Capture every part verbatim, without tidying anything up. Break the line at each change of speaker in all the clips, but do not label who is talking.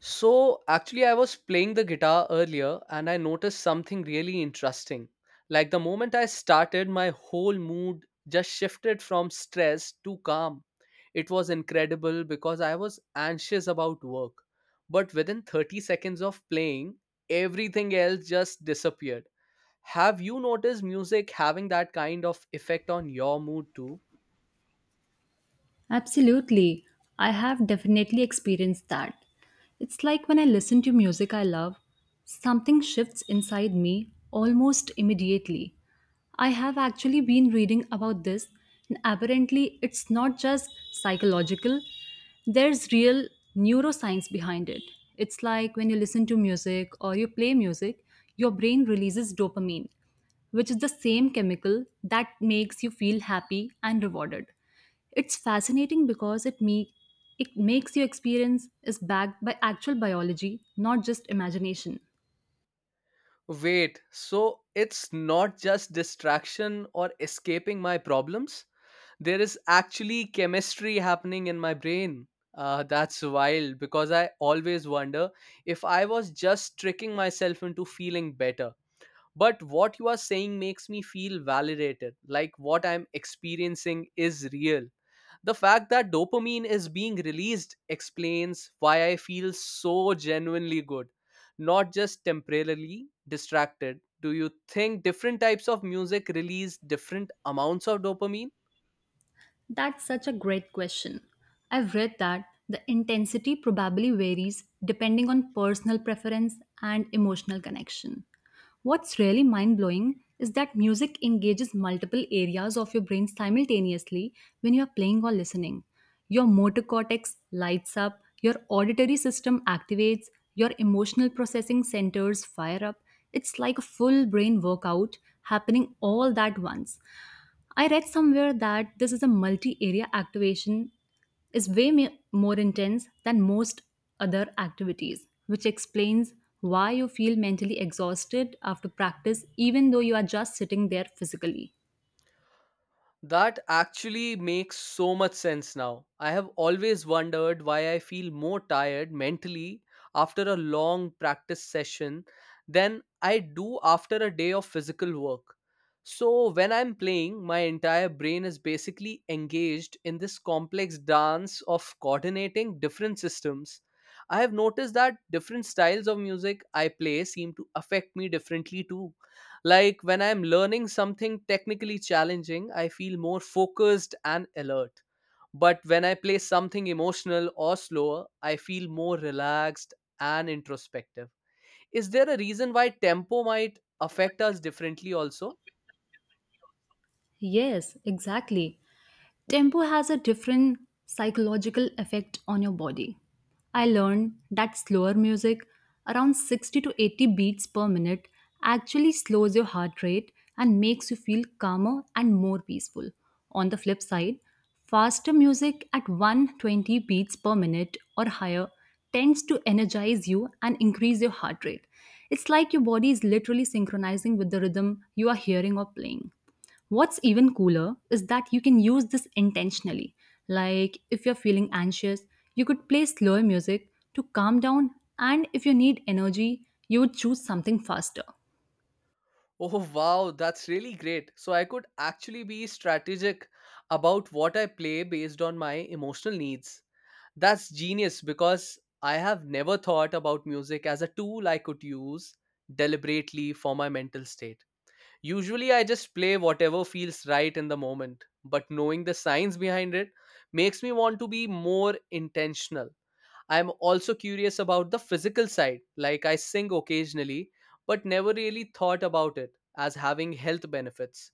So, actually, I was playing the guitar earlier and I noticed something really interesting. Like, the moment I started, my whole mood just shifted from stress to calm. It was incredible because I was anxious about work, but within thirty seconds of playing, everything else just disappeared. Have you noticed music having that kind of effect on your mood too?
Absolutely. I have definitely experienced that. It's like when I listen to music I love, something shifts inside me almost immediately. I have actually been reading about this, and apparently, it's not just psychological, there's real neuroscience behind it. It's like when you listen to music or you play music, your brain releases dopamine, which is the same chemical that makes you feel happy and rewarded. It's fascinating because it me it makes your experience is backed by actual biology, not just imagination.
Wait, so it's not just distraction or escaping my problems? There is actually chemistry happening in my brain. Uh, that's wild because I always wonder if I was just tricking myself into feeling better. But what you are saying makes me feel validated, like what I'm experiencing is real. The fact that dopamine is being released explains why I feel so genuinely good, not just temporarily distracted. Do you think different types of music release different amounts of dopamine?
That's such a great question. I've read that the intensity probably varies depending on personal preference and emotional connection. What's really mind blowing is that music engages multiple areas of your brain simultaneously when you are playing or listening. Your motor cortex lights up, your auditory system activates, your emotional processing centers fire up. It's like a full brain workout happening all that once. I read somewhere that this is a multi area activation is way ma- more intense than most other activities, which explains why you feel mentally exhausted after practice, even though you are just sitting there physically.
That actually makes so much sense now. I have always wondered why I feel more tired mentally after a long practice session than I do after a day of physical work. So, when I'm playing, my entire brain is basically engaged in this complex dance of coordinating different systems. I have noticed that different styles of music I play seem to affect me differently too, like when I'm learning something technically challenging, I feel more focused and alert. But when I play something emotional or slower, I feel more relaxed and introspective. Is there a reason why tempo might affect us differently also?
Yes, exactly. Tempo has a different psychological effect on your body. I learned that slower music, around sixty to eighty beats per minute, actually slows your heart rate and makes you feel calmer and more peaceful. On the flip side, faster music at one hundred twenty beats per minute or higher tends to energize you and increase your heart rate. It's like your body is literally synchronizing with the rhythm you are hearing or playing. What's even cooler is that you can use this intentionally. Like if you're feeling anxious, you could play slower music to calm down, and if you need energy, you would choose something faster.
Oh wow, that's really great. So I could actually be strategic about what I play based on my emotional needs. That's genius because I have never thought about music as a tool I could use deliberately for my mental state. Usually I just play whatever feels right in the moment, but knowing the science behind it makes me want to be more intentional. I'm also curious about the physical side, like I sing occasionally, but never really thought about it as having health benefits.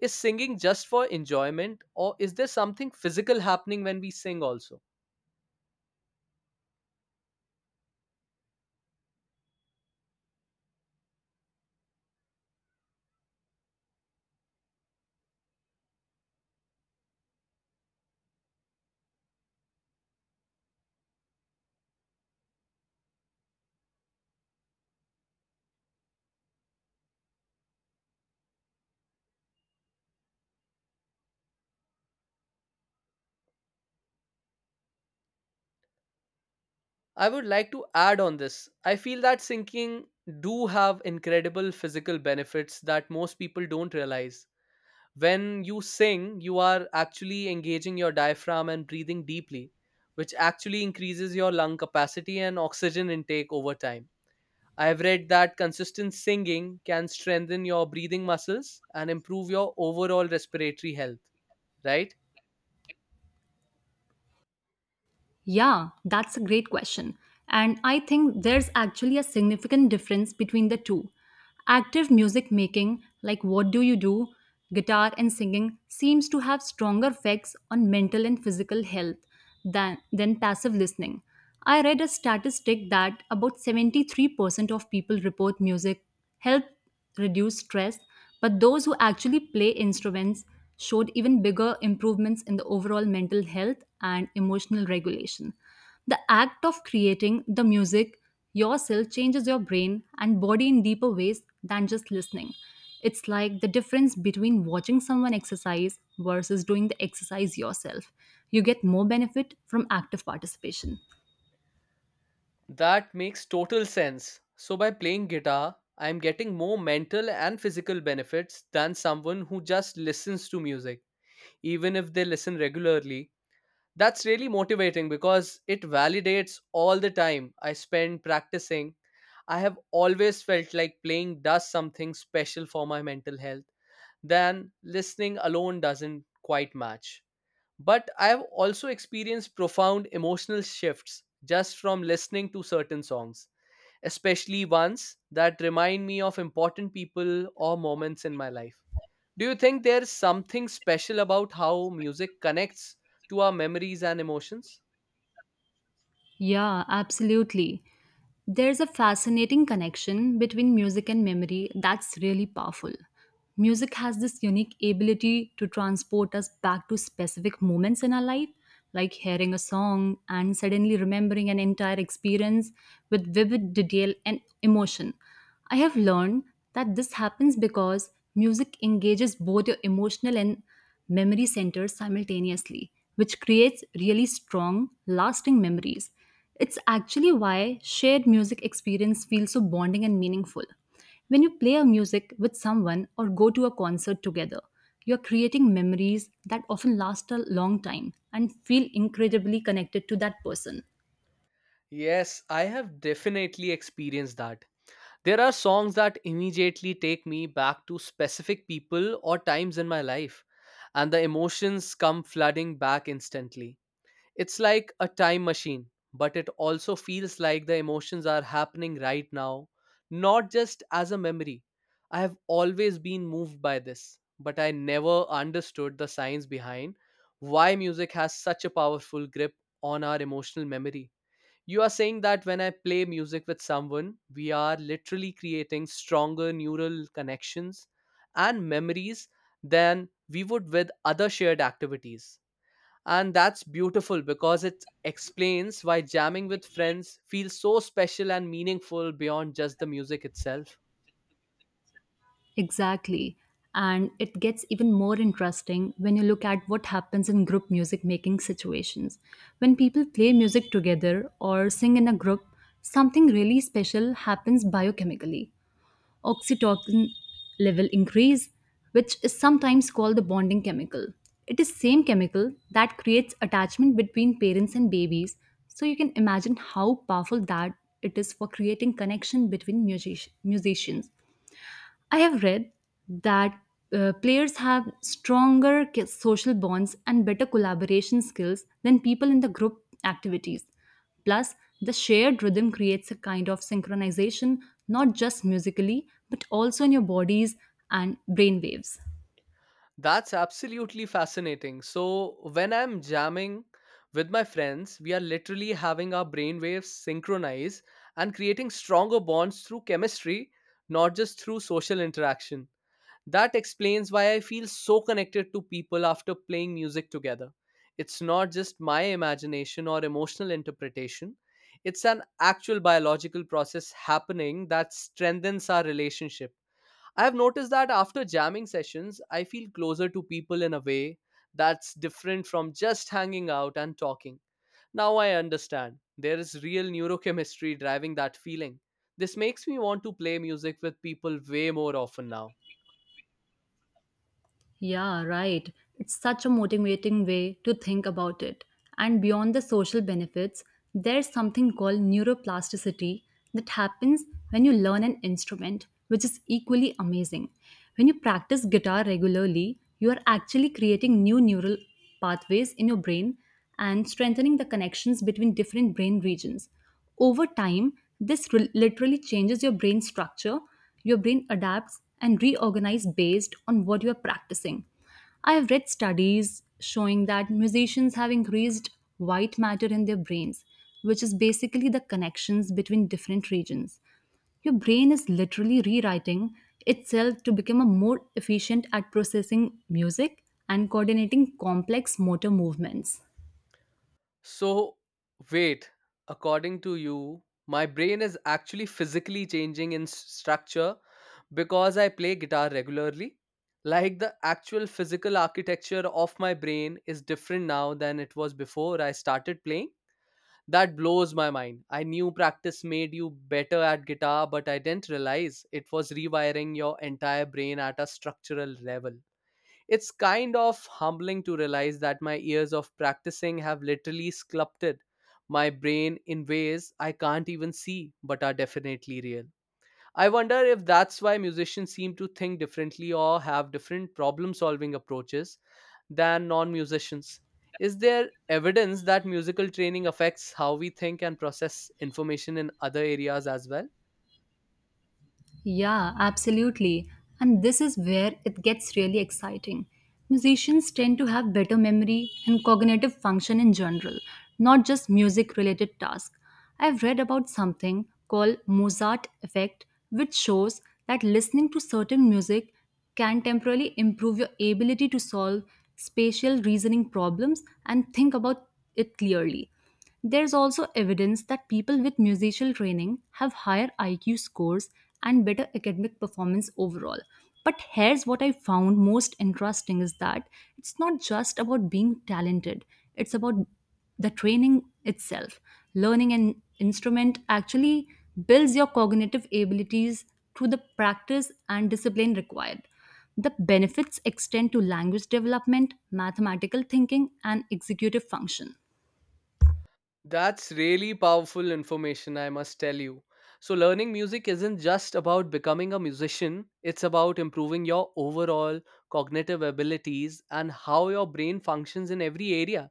Is singing just for enjoyment, or is there something physical happening when we sing also? I would like to add on this. I feel that singing do have incredible physical benefits that most people don't realize. When you sing, you are actually engaging your diaphragm and breathing deeply, which actually increases your lung capacity and oxygen intake over time. I've read that consistent singing can strengthen your breathing muscles and improve your overall respiratory health, right?
Yeah, that's a great question. And I think there's actually a significant difference between the two. Active music making, like What Do You Do, guitar and singing, seems to have stronger effects on mental and physical health than, than passive listening. I read a statistic that about seventy-three percent of people report music help reduce stress, but those who actually play instruments showed even bigger improvements in the overall mental health and emotional regulation. The act of creating the music yourself changes your brain and body in deeper ways than just listening. It's like the difference between watching someone exercise versus doing the exercise yourself. You get more benefit from active participation.
That makes total sense. So, by playing guitar, I'm getting more mental and physical benefits than someone who just listens to music, even if they listen regularly. That's really motivating because it validates all the time I spend practicing. I have always felt like playing does something special for my mental health, then listening alone doesn't quite match. But I have also experienced profound emotional shifts just from listening to certain songs, especially ones that remind me of important people or moments in my life. Do you think there's something special about how music connects to our memories and emotions?
Yeah, absolutely. There's a fascinating connection between music and memory that's really powerful. Music has this unique ability to transport us back to specific moments in our life, like hearing a song and suddenly remembering an entire experience with vivid detail and emotion. I have learned that this happens because music engages both your emotional and memory centers simultaneously, which creates really strong, lasting memories. It's actually why shared music experience feels so bonding and meaningful. When you play a music with someone or go to a concert together, you're creating memories that often last a long time and feel incredibly connected to that person.
Yes, I have definitely experienced that. There are songs that immediately take me back to specific people or times in my life, and the emotions come flooding back instantly. It's like a time machine, but it also feels like the emotions are happening right now, not just as a memory. I have always been moved by this, but I never understood the science behind why music has such a powerful grip on our emotional memory. You are saying that when I play music with someone, we are literally creating stronger neural connections and memories than we would with other shared activities. And that's beautiful because it explains why jamming with friends feels so special and meaningful beyond just the music itself.
Exactly. And it gets even more interesting when you look at what happens in group music making situations. When people play music together or sing in a group, something really special happens biochemically. Oxytocin level increase, which is sometimes called the bonding chemical. It is same chemical that creates attachment between parents and babies, so you can imagine how powerful that it is for creating connection between music- musicians. I have read that uh, players have stronger ki- social bonds and better collaboration skills than people in the group activities. Plus, the shared rhythm creates a kind of synchronization, not just musically, but also in your bodies and brain waves.
That's absolutely fascinating. So, when I'm jamming with my friends, we are literally having our brainwaves synchronize and creating stronger bonds through chemistry, not just through social interaction. That explains why I feel so connected to people after playing music together. It's not just my imagination or emotional interpretation, it's an actual biological process happening that strengthens our relationship. I have noticed that after jamming sessions, I feel closer to people in a way that's different from just hanging out and talking. Now I understand. There is real neurochemistry driving that feeling. This makes me want to play music with people way more often now.
Yeah, right. It's such a motivating way to think about it. And beyond the social benefits, there's something called neuroplasticity that happens when you learn an instrument, which is equally amazing. When you practice guitar regularly, you are actually creating new neural pathways in your brain and strengthening the connections between different brain regions. Over time, this re- literally changes your brain structure. Your brain adapts and reorganizes based on what you are practicing. I have read studies showing that musicians have increased white matter in their brains, which is basically the connections between different regions. Your brain is literally rewriting itself to become a more efficient at processing music and coordinating complex motor movements.
So, wait, according to you, my brain is actually physically changing in s- structure because I play guitar regularly. Like the actual physical architecture of my brain is different now than it was before I started playing. That blows my mind. I knew practice made you better at guitar, but I didn't realize it was rewiring your entire brain at a structural level. It's kind of humbling to realize that my years of practicing have literally sculpted my brain in ways I can't even see but are definitely real. I wonder if that's why musicians seem to think differently or have different problem solving approaches than non musicians. Is there evidence that musical training affects how we think and process information in other areas as well?
Yeah, absolutely. And this is where it gets really exciting. Musicians tend to have better memory and cognitive function in general, not just music related tasks. I've read about something called Mozart effect, which shows that listening to certain music can temporarily improve your ability to solve spatial reasoning problems and think about it clearly. There's also evidence that people with musical training have higher I Q scores and better academic performance overall. But here's what I found most interesting is that it's not just about being talented, it's about the training itself. Learning an instrument actually builds your cognitive abilities through the practice and discipline required. The benefits extend to language development, mathematical thinking, and executive function.
That's really powerful information, I must tell you. So, learning music isn't just about becoming a musician, it's about improving your overall cognitive abilities and how your brain functions in every area.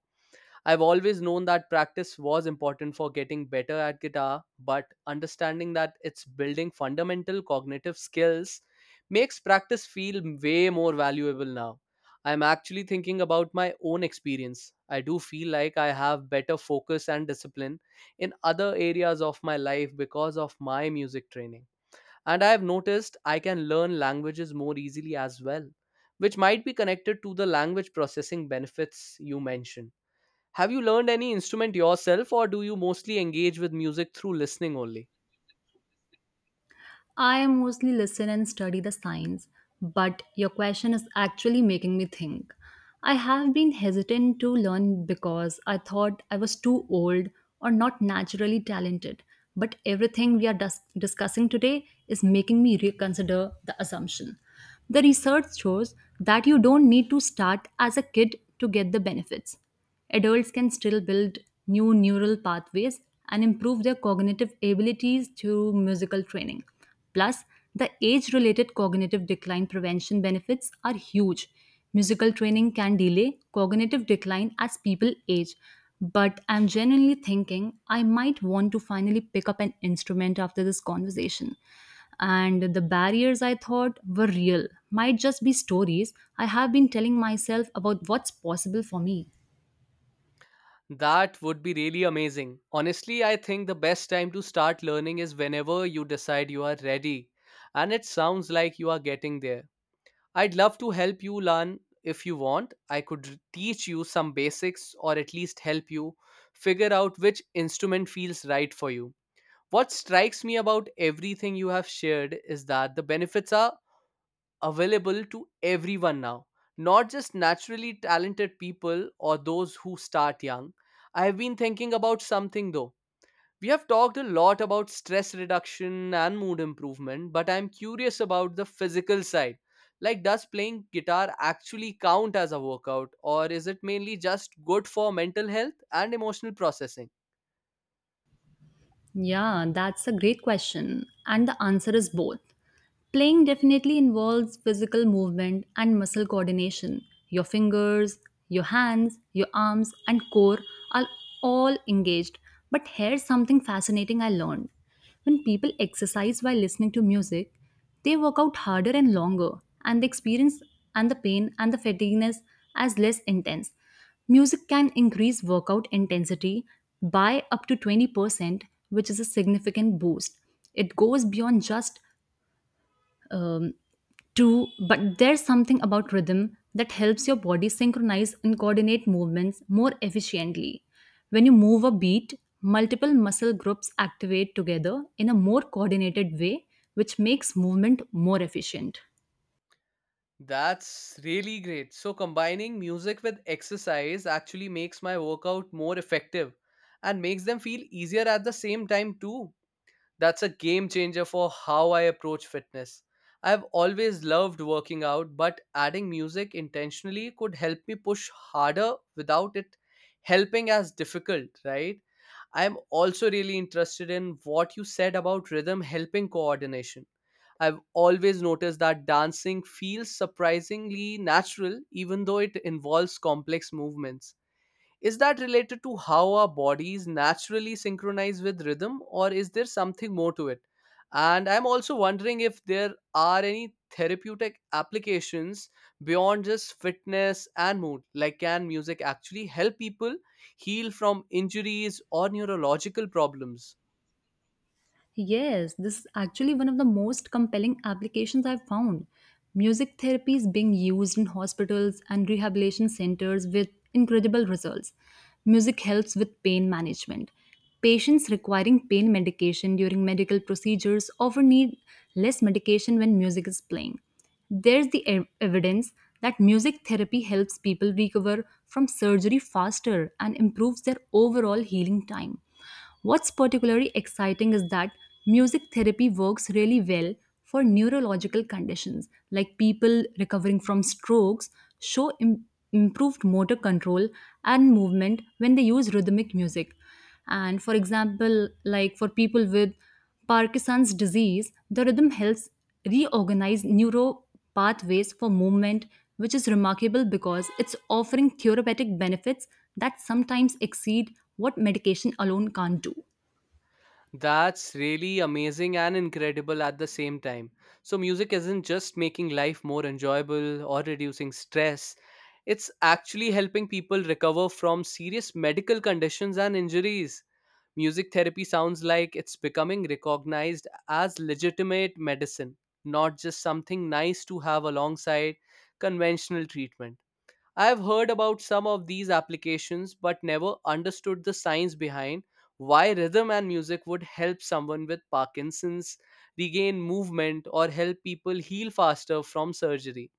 I've always known that practice was important for getting better at guitar, but understanding that it's building fundamental cognitive skills makes practice feel way more valuable now. I'm actually thinking about my own experience. I do feel like I have better focus and discipline in other areas of my life because of my music training. And I have noticed I can learn languages more easily as well, which might be connected to the language processing benefits you mentioned. Have you learned any instrument yourself, or do you mostly engage with music through listening only?
I mostly listen and study the science, but your question is actually making me think. I have been hesitant to learn because I thought I was too old or not naturally talented, but everything we are dis- discussing today is making me reconsider the assumption. The research shows that you don't need to start as a kid to get the benefits. Adults can still build new neural pathways and improve their cognitive abilities through musical training. Plus, the age related cognitive decline prevention benefits are huge. Musical training can delay cognitive decline as people age. But I'm genuinely thinking I might want to finally pick up an instrument after this conversation. And the barriers I thought were real might just be stories I have been telling myself about what's possible for me.
That would be really amazing. Honestly, I think the best time to start learning is whenever you decide you are ready, and it sounds like you are getting there. I'd love to help you learn if you want. I could r- teach you some basics or at least help you figure out which instrument feels right for you. What strikes me about everything you have shared is that the benefits are available to everyone now, not just naturally talented people or those who start young. I have been thinking about something though. We have talked a lot about stress reduction and mood improvement, but I'm curious about the physical side. Like, does playing guitar actually count as a workout, or is it mainly just good for mental health and emotional processing?
Yeah, that's a great question. And the answer is both. Playing definitely involves physical movement and muscle coordination. Your fingers, your hands, your arms, and core are all engaged. But here's something fascinating I learned. When people exercise while listening to music, they work out harder and longer, and the experience and the pain and the fatigueness as less intense. Music can increase workout intensity by up to twenty percent, which is a significant boost. It goes beyond just um, two, but there's something about rhythm that helps your body synchronize and coordinate movements more efficiently. When you move a beat, multiple muscle groups activate together in a more coordinated way, which makes movement more efficient.
That's really great. So, combining music with exercise actually makes my workout more effective and makes them feel easier at the same time, too. That's a game changer for how I approach fitness. I've always loved working out, but adding music intentionally could help me push harder without it helping as difficult, right? I'm also really interested in what you said about rhythm helping coordination. I've always noticed that dancing feels surprisingly natural, even though it involves complex movements. Is that related to how our bodies naturally synchronize with rhythm, or is there something more to it? And I'm also wondering if there are any therapeutic applications beyond just fitness and mood. Like, can music actually help people heal from injuries or neurological problems?
Yes, this is actually one of the most compelling applications I've found. Music therapy is being used in hospitals and rehabilitation centers with incredible results. Music helps with pain management. Patients requiring pain medication during medical procedures often need less medication when music is playing. There's the ev- evidence that music therapy helps people recover from surgery faster and improves their overall healing time. What's particularly exciting is that music therapy works really well for neurological conditions, like people recovering from strokes show im- improved motor control and movement when they use rhythmic music. And for example, like for people with Parkinson's disease, the rhythm helps reorganize neuro pathways for movement, which is remarkable because it's offering therapeutic benefits that sometimes exceed what medication alone can't do.
That's really amazing and incredible at the same time. So, music isn't just making life more enjoyable or reducing stress, it's actually helping people recover from serious medical conditions and injuries. Music therapy sounds like it's becoming recognized as legitimate medicine, not just something nice to have alongside conventional treatment. I've heard about some of these applications but never understood the science behind why rhythm and music would help someone with Parkinson's regain movement or help people heal faster from surgery.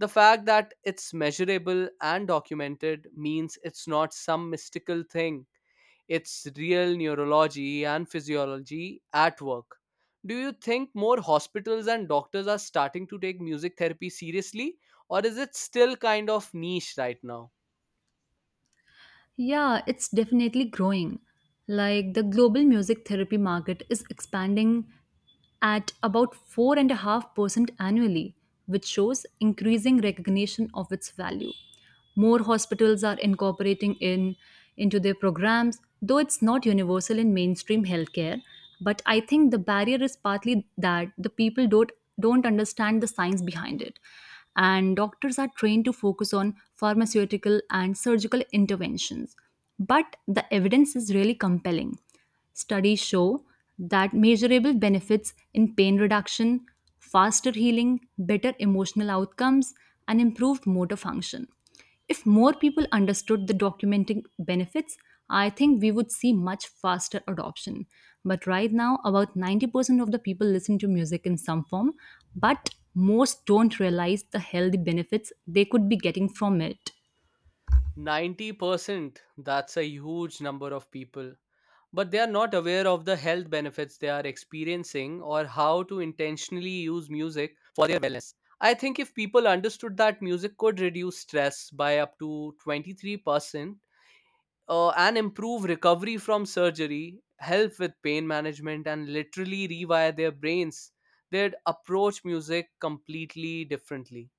The fact that it's measurable and documented means it's not some mystical thing, it's real neurology and physiology at work. Do you think more hospitals and doctors are starting to take music therapy seriously, or is it still kind of niche right now?
Yeah, it's definitely growing. Like the global music therapy market is expanding at about four point five percent annually, which shows increasing recognition of its value. More hospitals are incorporating in into their programs, though it's not universal in mainstream healthcare. But I think the barrier is partly that the people don't don't understand the science behind it, and doctors are trained to focus on pharmaceutical and surgical interventions. But the evidence is really compelling. Studies show that measurable benefits in pain reduction, faster healing, better emotional outcomes, and improved motor function. If more people understood the documenting benefits, I think we would see much faster adoption. But right now, about ninety percent of the people listen to music in some form, but most don't realize the healthy benefits they could be getting from it.
ninety percent, that's a huge number of people. But they are not aware of the health benefits they are experiencing or how to intentionally use music for their wellness. I think if people understood that music could reduce stress by up to twenty-three percent, uh, and improve recovery from surgery, help with pain management, and literally rewire their brains. They'd approach music completely differently.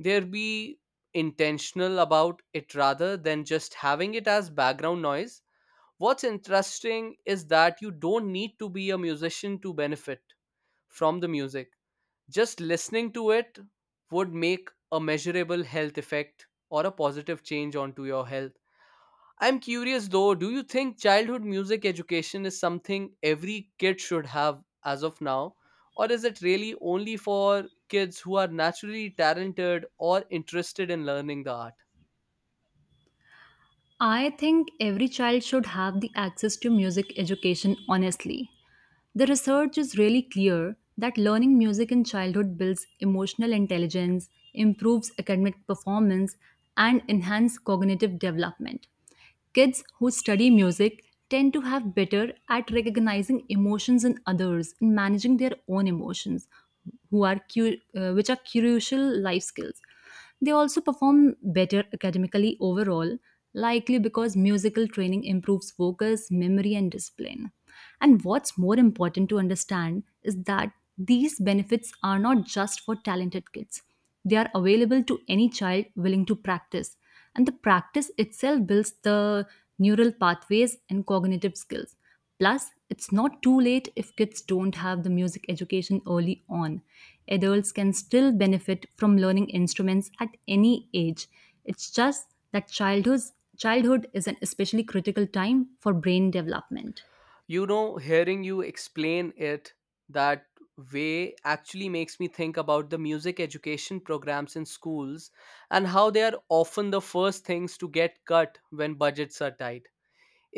They'd be intentional about it rather than just having it as background noise. What's interesting is that you don't need to be a musician to benefit from the music. Just listening to it would make a measurable health effect or a positive change onto your health. I'm curious though, do you think childhood music education is something every kid should have as of now? Or is it really only for kids who are naturally talented or interested in learning the art?
I think every child should have the access to music education, honestly. The research is really clear that learning music in childhood builds emotional intelligence, improves academic performance, and enhances cognitive development. Kids who study music tend to have better at recognizing emotions in others and managing their own emotions, who are cu- uh, which are crucial life skills. They also perform better academically overall, likely because musical training improves focus, memory, and discipline. And what's more important to understand is that these benefits are not just for talented kids, they are available to any child willing to practice. And the practice itself builds the neural pathways and cognitive skills. Plus, it's not too late if kids don't have the music education early on. Adults can still benefit from learning instruments at any age. It's just that childhood childhood is an especially critical time for brain development.
You know, hearing you explain it that way actually makes me think about the music education programs in schools and how they are often the first things to get cut when budgets are tight.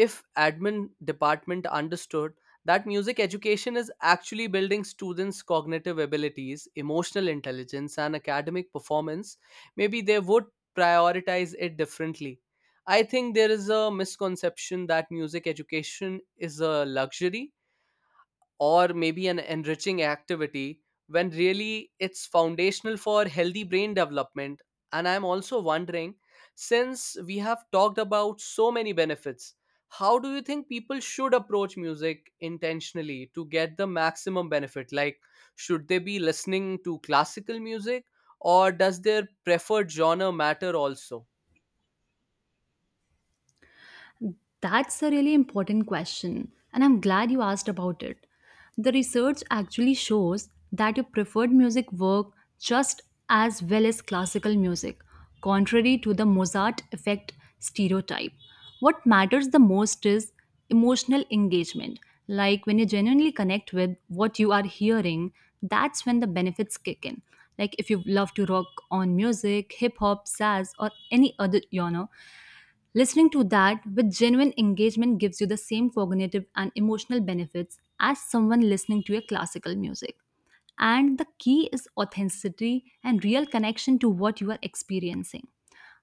If admin department understood that music education is actually building students cognitive abilities, emotional intelligence, and academic performance, maybe they would prioritize it differently. I think there is a misconception that music education is a luxury or maybe an enriching activity when really it's foundational for healthy brain development. And I'm also wondering, since we have talked about so many benefits, how do you think people should approach music intentionally to get the maximum benefit? Like, should they be listening to classical music, or does their preferred genre matter also?
That's a really important question, and I'm glad you asked about it. The research actually shows that your preferred music work just as well as classical music, contrary to the Mozart effect stereotype. What matters the most is emotional engagement. Like when you genuinely connect with what you are hearing, that's when the benefits kick in. Like if you love to rock on music, hip hop, jazz, or any other genre, listening to that with genuine engagement gives you the same cognitive and emotional benefits as someone listening to a classical music. And the key is authenticity and real connection to what you are experiencing.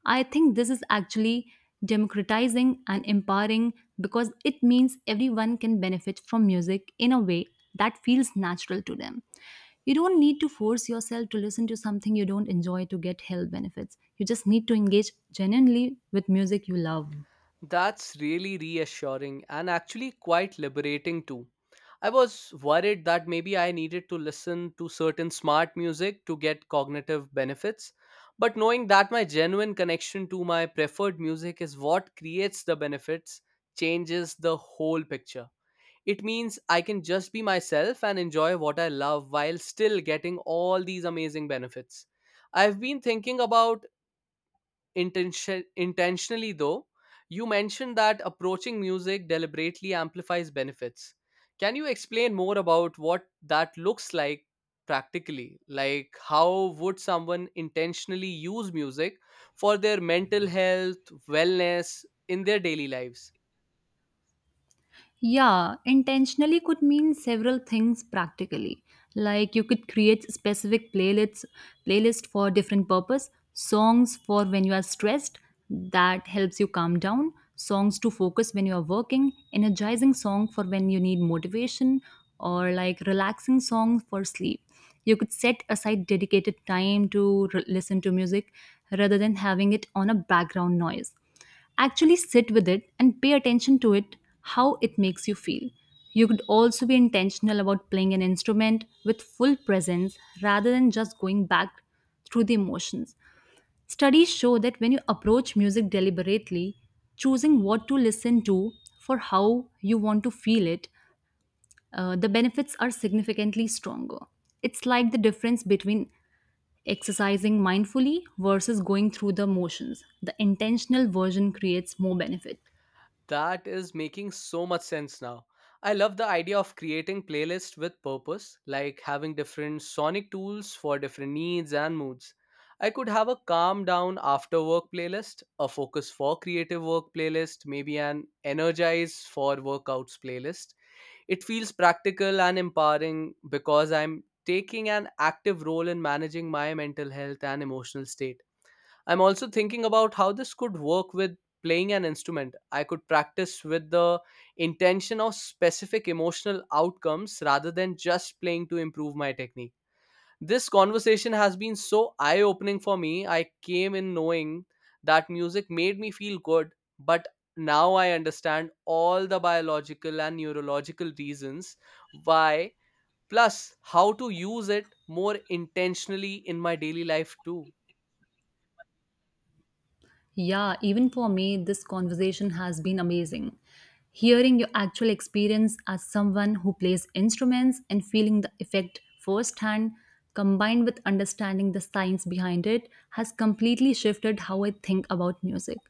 I think this is actually democratizing and empowering, because it means everyone can benefit from music in a way that feels natural to them. You don't need to force yourself to listen to something you don't enjoy to get health benefits. You just need to engage genuinely with music you love.
That's really reassuring and actually quite liberating too. I was worried that maybe I needed to listen to certain smart music to get cognitive benefits. But knowing that my genuine connection to my preferred music is what creates the benefits changes the whole picture. It means I can just be myself and enjoy what I love while still getting all these amazing benefits. I've been thinking about intention intentionally though. You mentioned that approaching music deliberately amplifies benefits. Can you explain more about what that looks like practically? Like, how would someone intentionally use music for their mental health wellness in their daily lives?
Yeah, intentionally could mean several things practically. Like you could create specific playlists playlist for different purpose, songs for when you are stressed that helps you calm down, songs to focus when you are working, energizing song for when you need motivation, or like relaxing songs for sleep. You could set aside dedicated time to re- listen to music rather than having it on a background noise. Actually sit with it and pay attention to it, how it makes you feel. You could also be intentional about playing an instrument with full presence rather than just going back through the emotions. Studies show that when you approach music deliberately, choosing what to listen to for how you want to feel it, uh, the benefits are significantly stronger. It's like the difference between exercising mindfully versus going through the motions. The intentional version creates more benefit.
That is making so much sense now. I love the idea of creating playlists with purpose, like having different sonic tools for different needs and moods. I could have a calm down after work playlist, a focus for creative work playlist, maybe an energize for workouts playlist. It feels practical and empowering because I'm taking an active role in managing my mental health and emotional state. I'm also thinking about how this could work with playing an instrument. I could practice with the intention of specific emotional outcomes rather than just playing to improve my technique. This conversation has been so eye opening for me. I came in knowing that music made me feel good, but now I understand all the biological and neurological reasons why, plus how to use it more intentionally in my daily life too.
Yeah, even for me, this conversation has been amazing. Hearing your actual experience as someone who plays instruments and feeling the effect firsthand, combined with understanding the science behind it, has completely shifted how I think about music.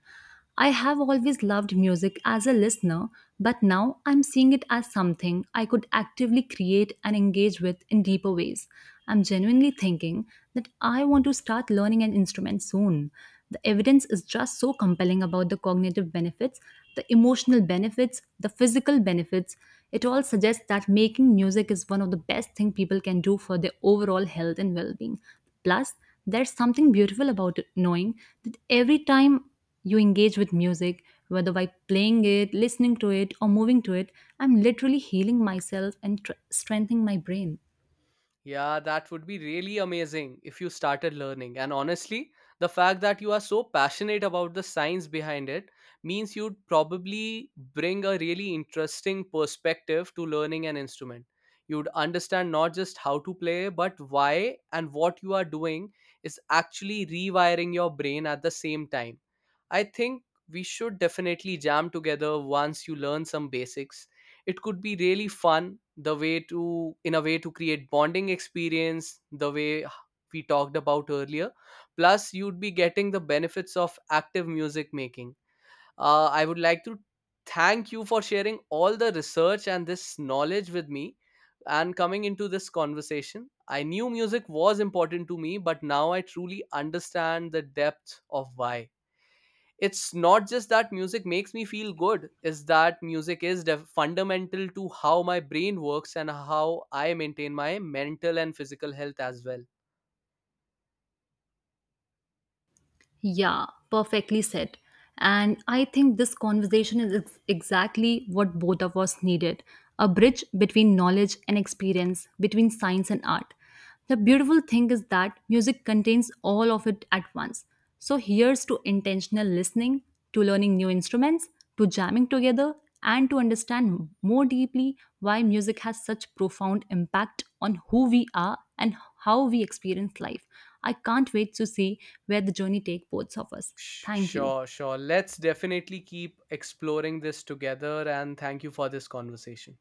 I have always loved music as a listener, but now I'm seeing it as something I could actively create and engage with in deeper ways. I'm genuinely thinking that I want to start learning an instrument soon. The evidence is just so compelling about the cognitive benefits, the emotional benefits, the physical benefits. It all suggests that making music is one of the best things people can do for their overall health and well-being. Plus, there's something beautiful about it, knowing that every time you engage with music, whether by playing it, listening to it, or moving to it, I'm literally healing myself and tr- strengthening my brain.
Yeah, that would be really amazing if you started learning. And honestly, the fact that you are so passionate about the science behind it means you'd probably bring a really interesting perspective to learning an instrument. You'd understand not just how to play, but why, and what you are doing is actually rewiring your brain at the same time. I think we should definitely jam together once you learn some basics. It could be really fun, the way to in a way to create bonding experience the way we talked about earlier. Plus you'd be getting the benefits of active music making. Uh, i would like to thank you for sharing all the research and this knowledge with me. And coming into this conversation, I knew music was important to me, but now I truly understand the depth of why. It's not just that music makes me feel good, is that music is def- fundamental to how my brain works and how I maintain my mental and physical health as well.
Yeah, perfectly said. And I think this conversation is ex- exactly what both of us needed, a bridge between knowledge and experience, between science and art. The beautiful thing is that music contains all of it at once. So here's to intentional listening, to learning new instruments, to jamming together, and to understand more deeply why music has such profound impact on who we are and how we experience life. I can't wait to see where the journey takes both of us.
Sh-
Thank you.
sure, sure, let's definitely keep exploring this together, and thank you for this conversation.